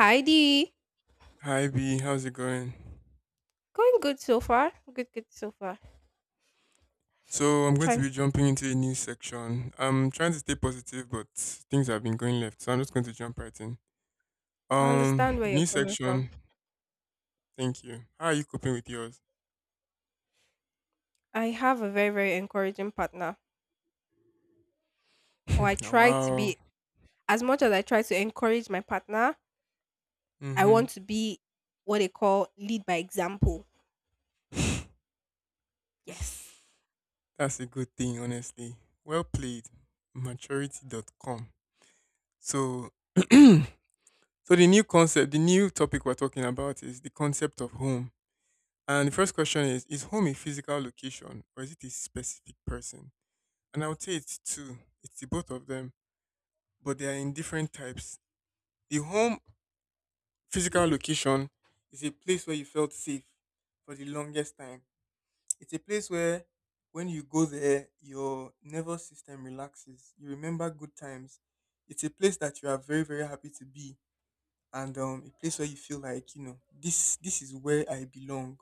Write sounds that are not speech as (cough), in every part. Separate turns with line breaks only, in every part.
Hi Dee.
Hi B, how's it going?
Going good so far. Good so far.
So I'm going to
Trying to
be
stay.
jumping into a new section. I'm trying to stay positive, but things have been going left, so I'm just going to jump right in.
I understand where you're
New
coming from.
section. Thank you. How are you coping with yours?
I have a very, very encouraging partner. Or I
(laughs) Now,
try to be
wow.
as much as I try to encourage my partner, I
Mhm.
want to be what they call lead by example.
(laughs)
Yes.
That's a good thing, honestly. Well played. maturity.com. So, (clears throat) so the new concept, the new topic we're talking about is the concept of home. And the first question is: is home a physical location, or is it a specific person? And I would say it's two. It's the both of them, but they are in different types. The home physical location is a place where you felt safe for the longest time. It's a place where when you go there, your nervous system relaxes. You remember good times. It's a place that you are very, very happy to be. And a place where you feel like, this is where I belong.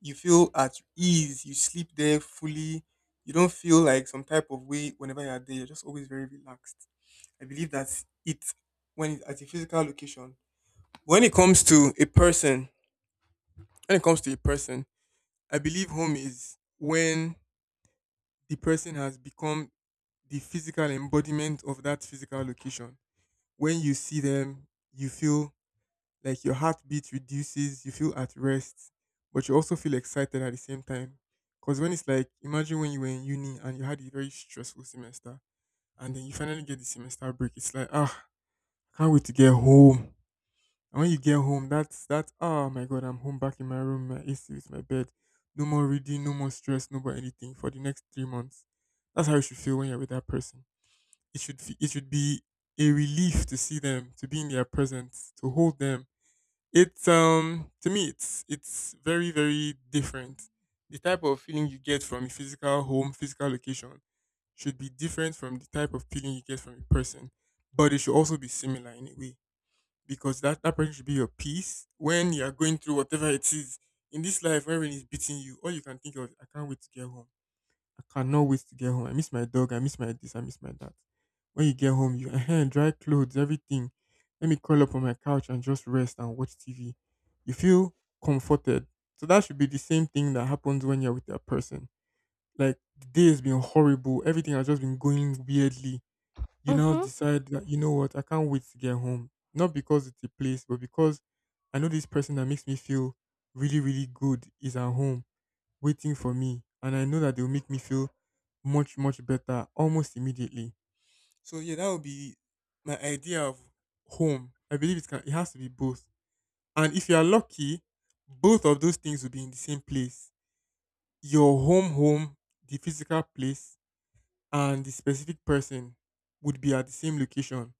You feel at ease. You sleep there fully. You don't feel like some type of way whenever you're there. You're just always very relaxed. I believe that it when it's at a physical location. When it comes to a person, when it comes to a person, I believe home is when the person has become the physical embodiment of that physical location. When you see them, you feel like your heartbeat reduces, you feel at rest, but you also feel excited at the same time. Because when it's like, imagine when you were in uni and you had a very stressful semester, and then you finally get the semester break, it's like, ah, I can't wait to get home. And when you get home, that's oh my god, I'm home back in my room, my AC with my bed. No more reading, no more stress, no more anything for the next 3 months. That's how you should feel when you're with that person. It should be a relief to see them, to be in their presence, to hold them. It's to me it's very, very different. The type of feeling you get from a physical home, physical location should be different from the type of feeling you get from a person. But it should also be similar in a way because that person should be your peace when you are going through whatever it is in this life. When rain is beating you, all you can think of is, I can't wait to get home. I cannot wait to get home. I miss my dog, I miss my this, I miss my that. When you get home, you (laughs) dry clothes, everything. Let me curl up on my couch and just rest and watch TV. You feel comforted. So that should be the same thing that happens when you're with that person. Like, the day has been horrible, everything has just been going weirdly, you now
Mm-hmm.
decide that you know what, I can't wait to get home. Not because it's a place, but because I know this person that makes me feel really, really good is at home waiting for me. And I know that they'll make me feel much, much better almost immediately. So yeah, that would be my idea of home. I believe it has to be both. And if you are lucky, both of those things will be in the same place. Your home home, the physical place, and the specific person would be at the same location.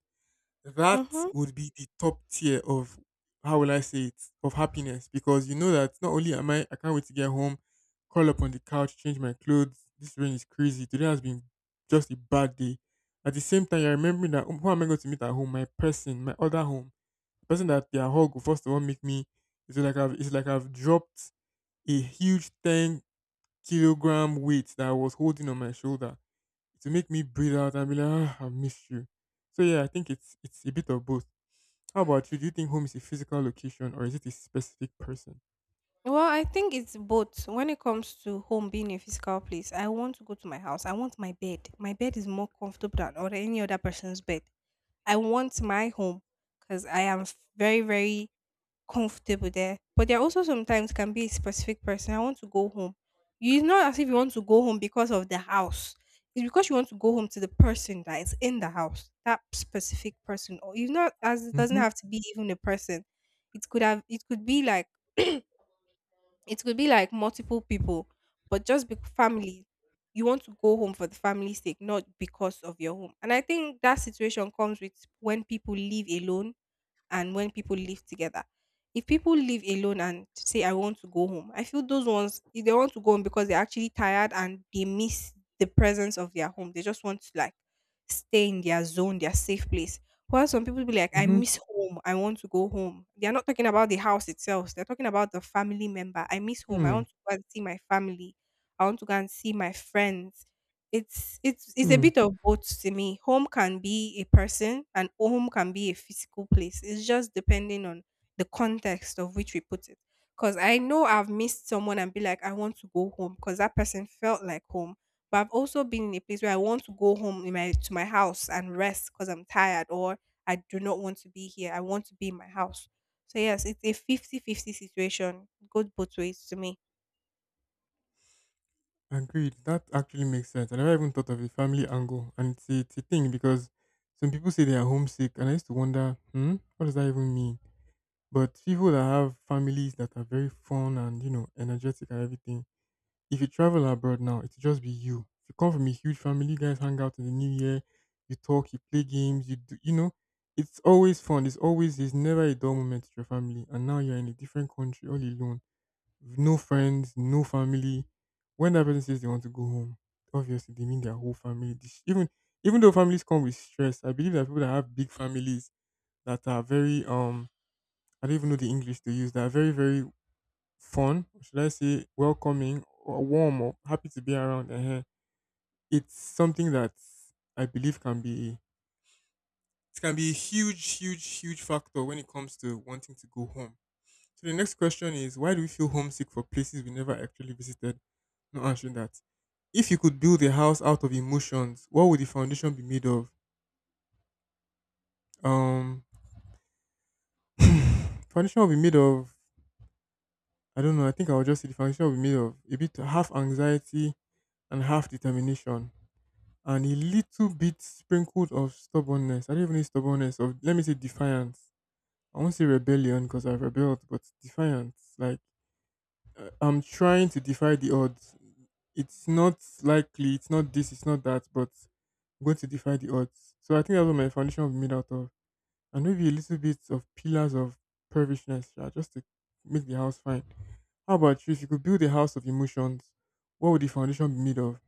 That
Mm-hmm.
would be the top tier of, how will I say it, of happiness, because you know that not only am I can't wait to get home, curl up on the couch, change my clothes. This rain is crazy. Today has been just a bad day. At the same time, you're remembering that, "Oh, who am I going to meet at home? My person, my other home, the person that their hug will first of all make me. It's like I've dropped a huge 10 kilogram weight that I was holding on my shoulder to make me breathe out and be like, ah, I missed you." So yeah, I think it's a bit of both. How about you? Do you think home is a physical location or is it a specific person?
Well, I think it's both. When it comes to home being a physical place, I want to go to my house. I want my bed. My bed is more comfortable than or any other person's bed. I want my home because I am very, very comfortable there. But there also sometimes can be a specific person. I want to go home. You It's not as if you want to go home because of the house. It's because you want to go home to the person that is in the house, that specific person. Or it's not as it doesn't
Mm-hmm.
have to be even a person. It could be like (clears throat) it could be like multiple people, but just be family. You want to go home for the family's sake, not because of your home. And I think that situation comes with when people live alone and when people live together. If people live alone and say, I want to go home, I feel those ones, if they want to go home because they're actually tired and they miss the presence of their home. They just want to like stay in their zone, their safe place. While some people be like, I
Mm-hmm.
miss home. I want to go home. They are not talking about the house itself. They're talking about the family member. I miss home. I
Hmm.
want to go and see my family. I want to go and see my friends. It's a
Hmm.
bit of both to me. Home can be a person and home can be a physical place. It's just depending on the context of which we put it. Cause I know I've missed someone and be like, I want to go home because that person felt like home. But I've also been in a place where I want to go home in my to my house and rest because I'm tired or I do not want to be here. I want to be in my house. So yes, it's a 50-50 situation. It goes both ways to me.
Agreed. That actually makes sense. I never even thought of a family angle, and it's a thing because some people say they are homesick, and I used to wonder, hmm, what does that even mean? But people that have families that are very fun and, you know, energetic and everything. If you travel abroad now, it'll just be you. If you come from a huge family, you guys hang out in the new year, you talk, you play games, you do, you know, it's always fun. There's never a dull moment with your family. And now you're in a different country all alone, with no friends, no family. When that person says they want to go home, obviously they mean their whole family. Even, even though families come with stress, I believe that people that have big families that are very, I don't even know the English to use, that are very, very fun, or should I say welcoming or warm or happy to be around, it's something that I believe can be, it can be a huge, huge, huge factor when it comes to wanting to go home. So the next question is, why do we feel homesick for places we never actually visited? Not answering that. If you could build a house out of emotions, what would the foundation be made of? Um (sighs) foundation will be made of, I don't know, I think I'll just say the foundation will be made of a bit, half anxiety and half determination, and a little bit sprinkled of stubbornness. I don't even need stubbornness, of, let me say defiance. I won't say rebellion because I've rebelled, but defiance. Like, I'm trying to defy the odds. It's not likely. It's not this. It's not that. But I'm going to defy the odds. So I think that's what my foundation will be made out of, and maybe a little bit of pillars of pervishness, yeah, just to make the house fine. How about you? If you could build a house of emotions, what would the foundation be made of?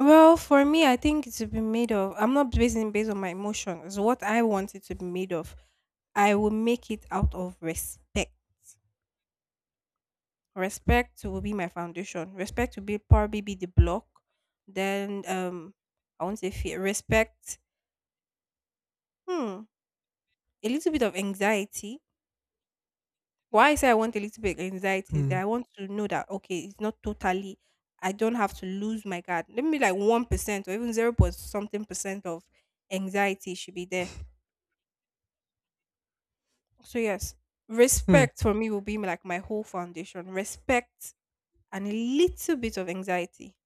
Well, for me, I think it should be made of. I'm not basing based on my emotions. What I want it to be made of, I will make it out of respect. Respect will be my foundation. Respect will be probably be the block. Then I won't say fear. Respect. Hmm. A little bit of anxiety. Why I say I want a little bit of anxiety is that
Hmm.
I want to know that okay, it's not totally. I don't have to lose my guard. Let me like 1% or even zero point something percent of anxiety should be there. So yes,
Hmm.
respect for me will be like my whole foundation. Respect and a little bit of anxiety.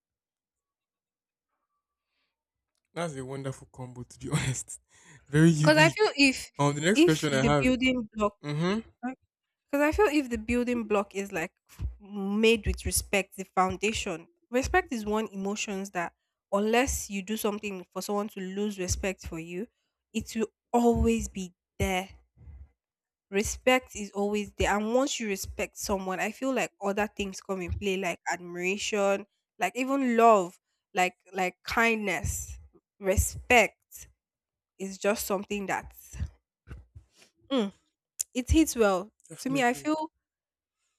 That's a wonderful combo, to be honest. (laughs) Very
Because I feel
unique.
if
The next
if
question I
the
have.
building block
Mm-hmm.
because I feel if the building block is like made with respect, the foundation. Respect is one emotions that unless you do something for someone to lose respect for you, it will always be there. Respect is always there, and once you respect someone, I feel like other things come in play, like admiration, like even love, like kindness. Respect is just something that mm, it hits well to me. I
Definitely,
feel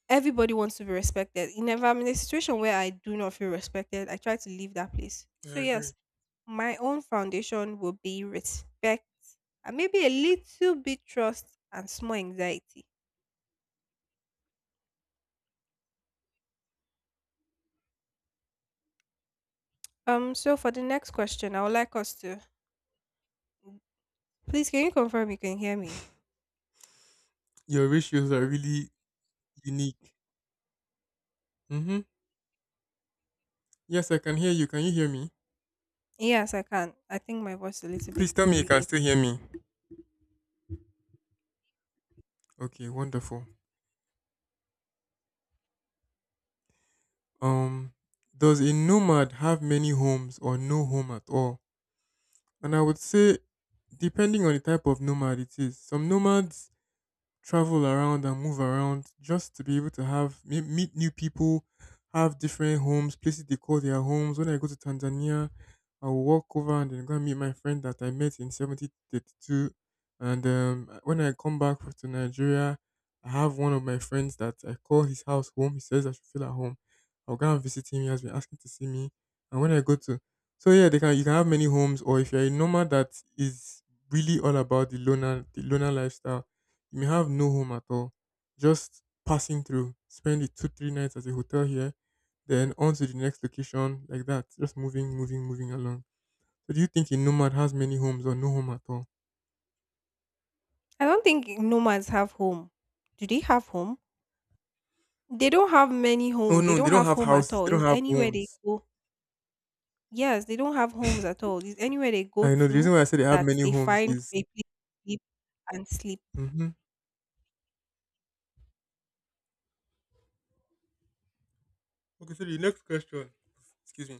everybody wants to be respected. In If I'm in a situation where I do not feel respected, I try to leave that place. So
I agree.
yes, my own foundation will be respect, and maybe a little bit trust and small anxiety. So for the next question, I would like us to please can you confirm you can hear me?
Your ratios are really unique. Mm-hmm. Yes, I can hear you. Can you hear me?
Yes, I can. I think my voice is a little bit
Please tell me you can
delayed.
still hear me. Okay, wonderful. Um, does a nomad have many homes or no home at all? And I would say, depending on the type of nomad it is, some nomads travel around and move around just to be able to have meet new people, have different homes, places they call their homes. When I go to Tanzania, I will walk over and then go and meet my friend that I met in 1732. And when I come back to Nigeria, I have one of my friends that I call his house home. He says I should feel at home. I'll go and visit him. He has been asking to see me. And when I go to, so yeah, they can you can have many homes, or if you're a nomad that is really all about the loner lifestyle, you may have no home at all, just passing through. Spend the two, three nights at a hotel here, then on to the next location, like that. Just moving, moving, moving along. So do you think a nomad has many homes or no home at all?
I don't think nomads have home. Do they have home? They don't have many
Oh
home. They
no,
don't
they don't
have
have
home at
houses.
all.
They don't
Is
have
anywhere they
homes.
go. Yes, they don't have homes at all. Is anywhere they go
I know the
to
reason why I say they have
that
many
they
homes
find
is.
a place to sleep and sleep.
Hmm. Okay, so the next question. Excuse me.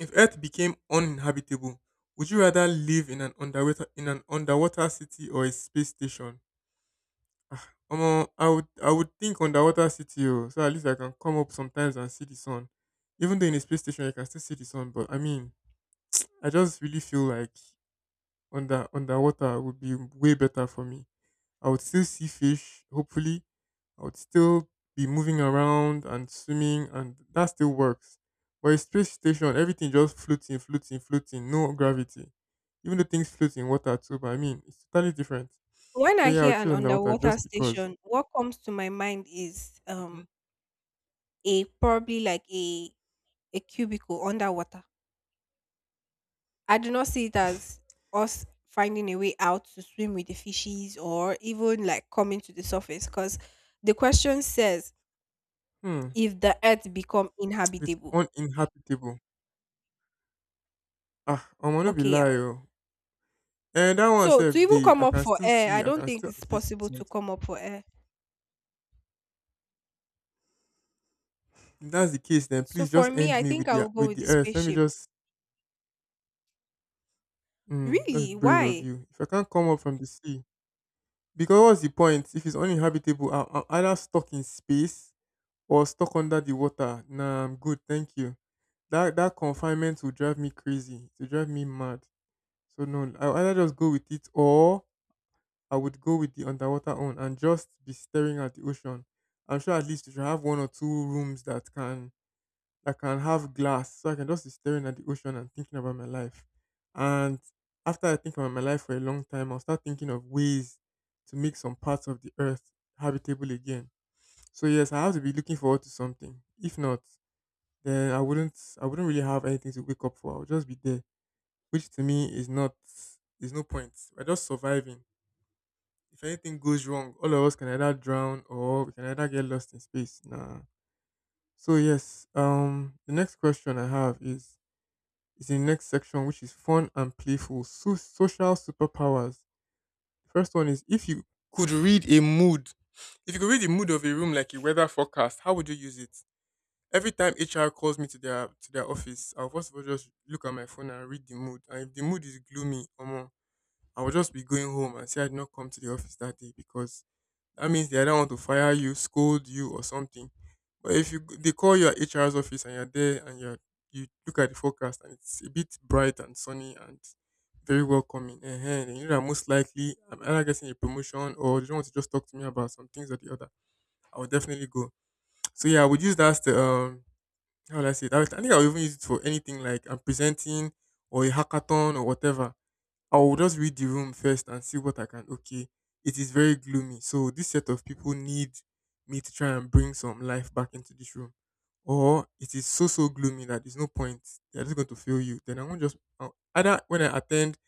If Earth became uninhabitable, would you rather live in an underwater city or a space station? Omo, I would think underwater city oh, so at least I can come up sometimes and see the sun. Even though in a space station I can still see the sun, but I mean, I just really feel like underwater would be way better for me. I would still see fish, hopefully. I would still be moving around and swimming and that still works. But a space station, everything just floating, floating, floating, no gravity. Even though things float in water too, but I mean, it's totally different.
When
So
I
yeah, I
hear
would
an
choose underwater
underwater
just because.
station, what comes to my mind is
Hmm.
a probably like a cubicle underwater. I do not see it as us finding a way out to swim with the fishes or even like coming to the surface because the question says
Hmm.
if the earth become
It is
inhabitable.
uninhabitable. Ah, I'ma no be
Okay, yeah.
lie oh. And that one
So to
sef
even
dey.
come
I
up
can
for
still
air, I
see. I
don't
can
think
still
it's
at least
possible
see
to
something.
come up for air.
If that's the case, then
So
please
for
just
me,
end
I
me
think
with
I will
the
go
with
with the
the earth. Let me
spaceship.
just. Mm, that's
Really?
brave of
Why?
you. If I can't come up from the sea, because what's the point? If it's uninhabitable, I'm either stuck in space or stuck under the water. Nah, I'm good. Thank you. That confinement will drive me crazy. It will drive me mad. So no, I'll either just go with it, or I would go with the underwater own and just be staring at the ocean. I'm sure at least you should have one or two rooms that can have glass, so I can just be staring at the ocean and thinking about my life. And after I think about my life for a long time, I'll start thinking of ways to make some parts of the earth habitable again. So yes, I have to be looking forward to something. If not, then I wouldn't really have anything to wake up for. I'll just be there, which to me is not. There's no point. We're just surviving. If anything goes wrong, all of us can either drown or we can either get lost in space. Nah. So yes, the next question I have is in the next section, which is fun and playful, social superpowers. First one is, if you could read a mood, if you could read the mood of a room like a weather forecast, how would you use it? Every time HR calls me to their office, I'll first of all just look at my phone and read the mood. And if the mood is gloomy, omo, I will just be going home and say I did not come to the office that day, because that means they either want to fire you, scold you, or something. But if you they call your HR's office and you're there and you look at the forecast and it's a bit bright and sunny and very welcoming, then you know that most likely I'm either getting a promotion or they don't want to just talk to me about some things or the other. I would definitely go. So yeah, I would use that as the how would I say it? I think I would even use it for anything like I'm presenting or a hackathon or whatever. I will just read the room first and see what I can. Okay, it is very gloomy. So this set of people need me to try and bring some life back into this room. Or it is so gloomy that there's no point. They're just going to fail you. Then I'm gonna just I'll- either when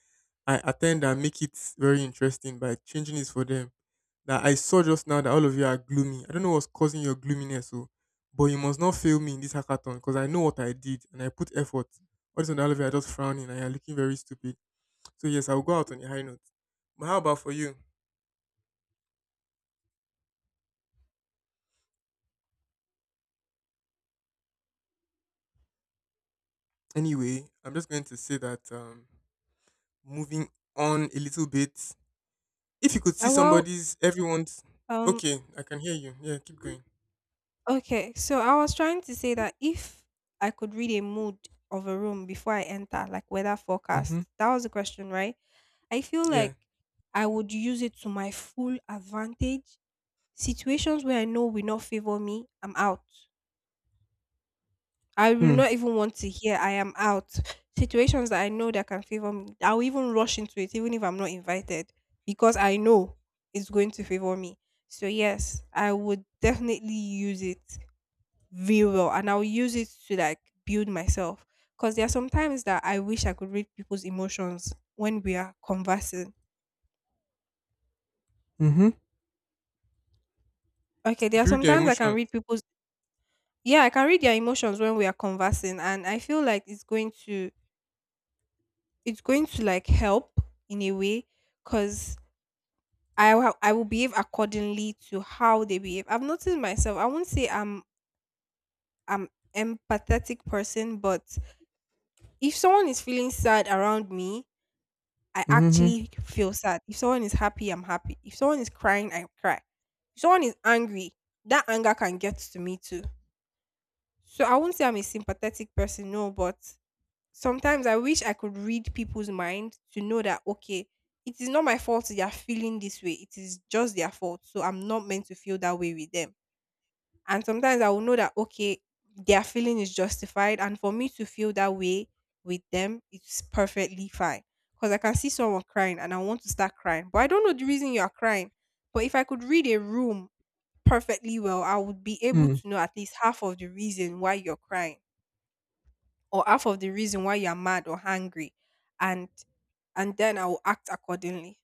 I attend and make it very interesting by changing it for them. That I saw just now that all of you are gloomy. I don't know what's causing your gloominess, so but you must not fail me in this hackathon, because I know what I did and I put effort. All this, and all of you are just frowning and you're looking very stupid. So yes, I'll go out on a high note. But how about for you? Anyway, I'm just going to say that moving on a little bit. If you could see
Well,
somebody's, everyone's.
um,
Okay, I can hear you. Yeah, keep going.
okay. So I was trying to say that if I could read a mood of a room before I enter, like weather
Mhm.
forecast, that was the question, right? I feel
Yeah.
like I would use it to my full advantage. Situations where I know will not favor me, I'm out. I will
Hmm.
not even want to hear I am out. Situations that I know that can favor me, I'll even rush into it even if I'm not invited because I know it's going to favor me. So yes, I would definitely use it very well, and I'll use it to like build myself because there are some times that I wish I could read people's emotions when we are conversing.
Mm-hmm.
Okay, there
If
are
you read their
sometimes I can
emotions,
read people's, yeah, I can read their emotions when we are conversing, and I feel like it's going to like help in a way, because I will behave accordingly to how they behave. I've noticed myself. I won't say I'm empathetic person, but if someone is feeling sad around me, I
mm-hmm.
actually feel sad. If someone is happy, I'm happy. If someone is crying, I cry. If someone is angry, that anger can get to me too. So I won't say I'm a sympathetic person, no, but sometimes I wish I could read people's mind to know that okay, it is not my fault they are feeling this way. It is just their fault. So I'm not meant to feel that way with them. And sometimes I will know that okay, their feeling is justified, and for me to feel that way with them, it's perfectly fine. Because I can see someone crying and I want to start crying. But I don't know the reason you are crying. But if I could read a room perfectly well, I would be able
Hmm.
to know at least half of the reason why you're crying or half of the reason why you're mad or angry, and and then I will act accordingly.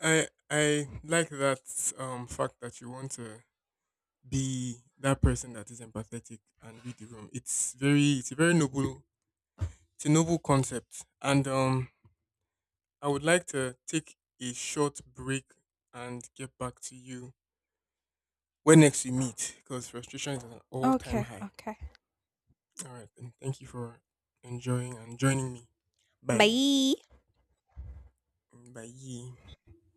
I like that fact that you want to be that person that is empathetic and read the room. It's very it's a very noble, it's a noble concept. And I would like to take a short break and get back to you when next we meet, because frustration is at an all time
Okay,
high.
okay.
All right, and thank you for enjoying and joining me. Bye.
Bye.
Bye.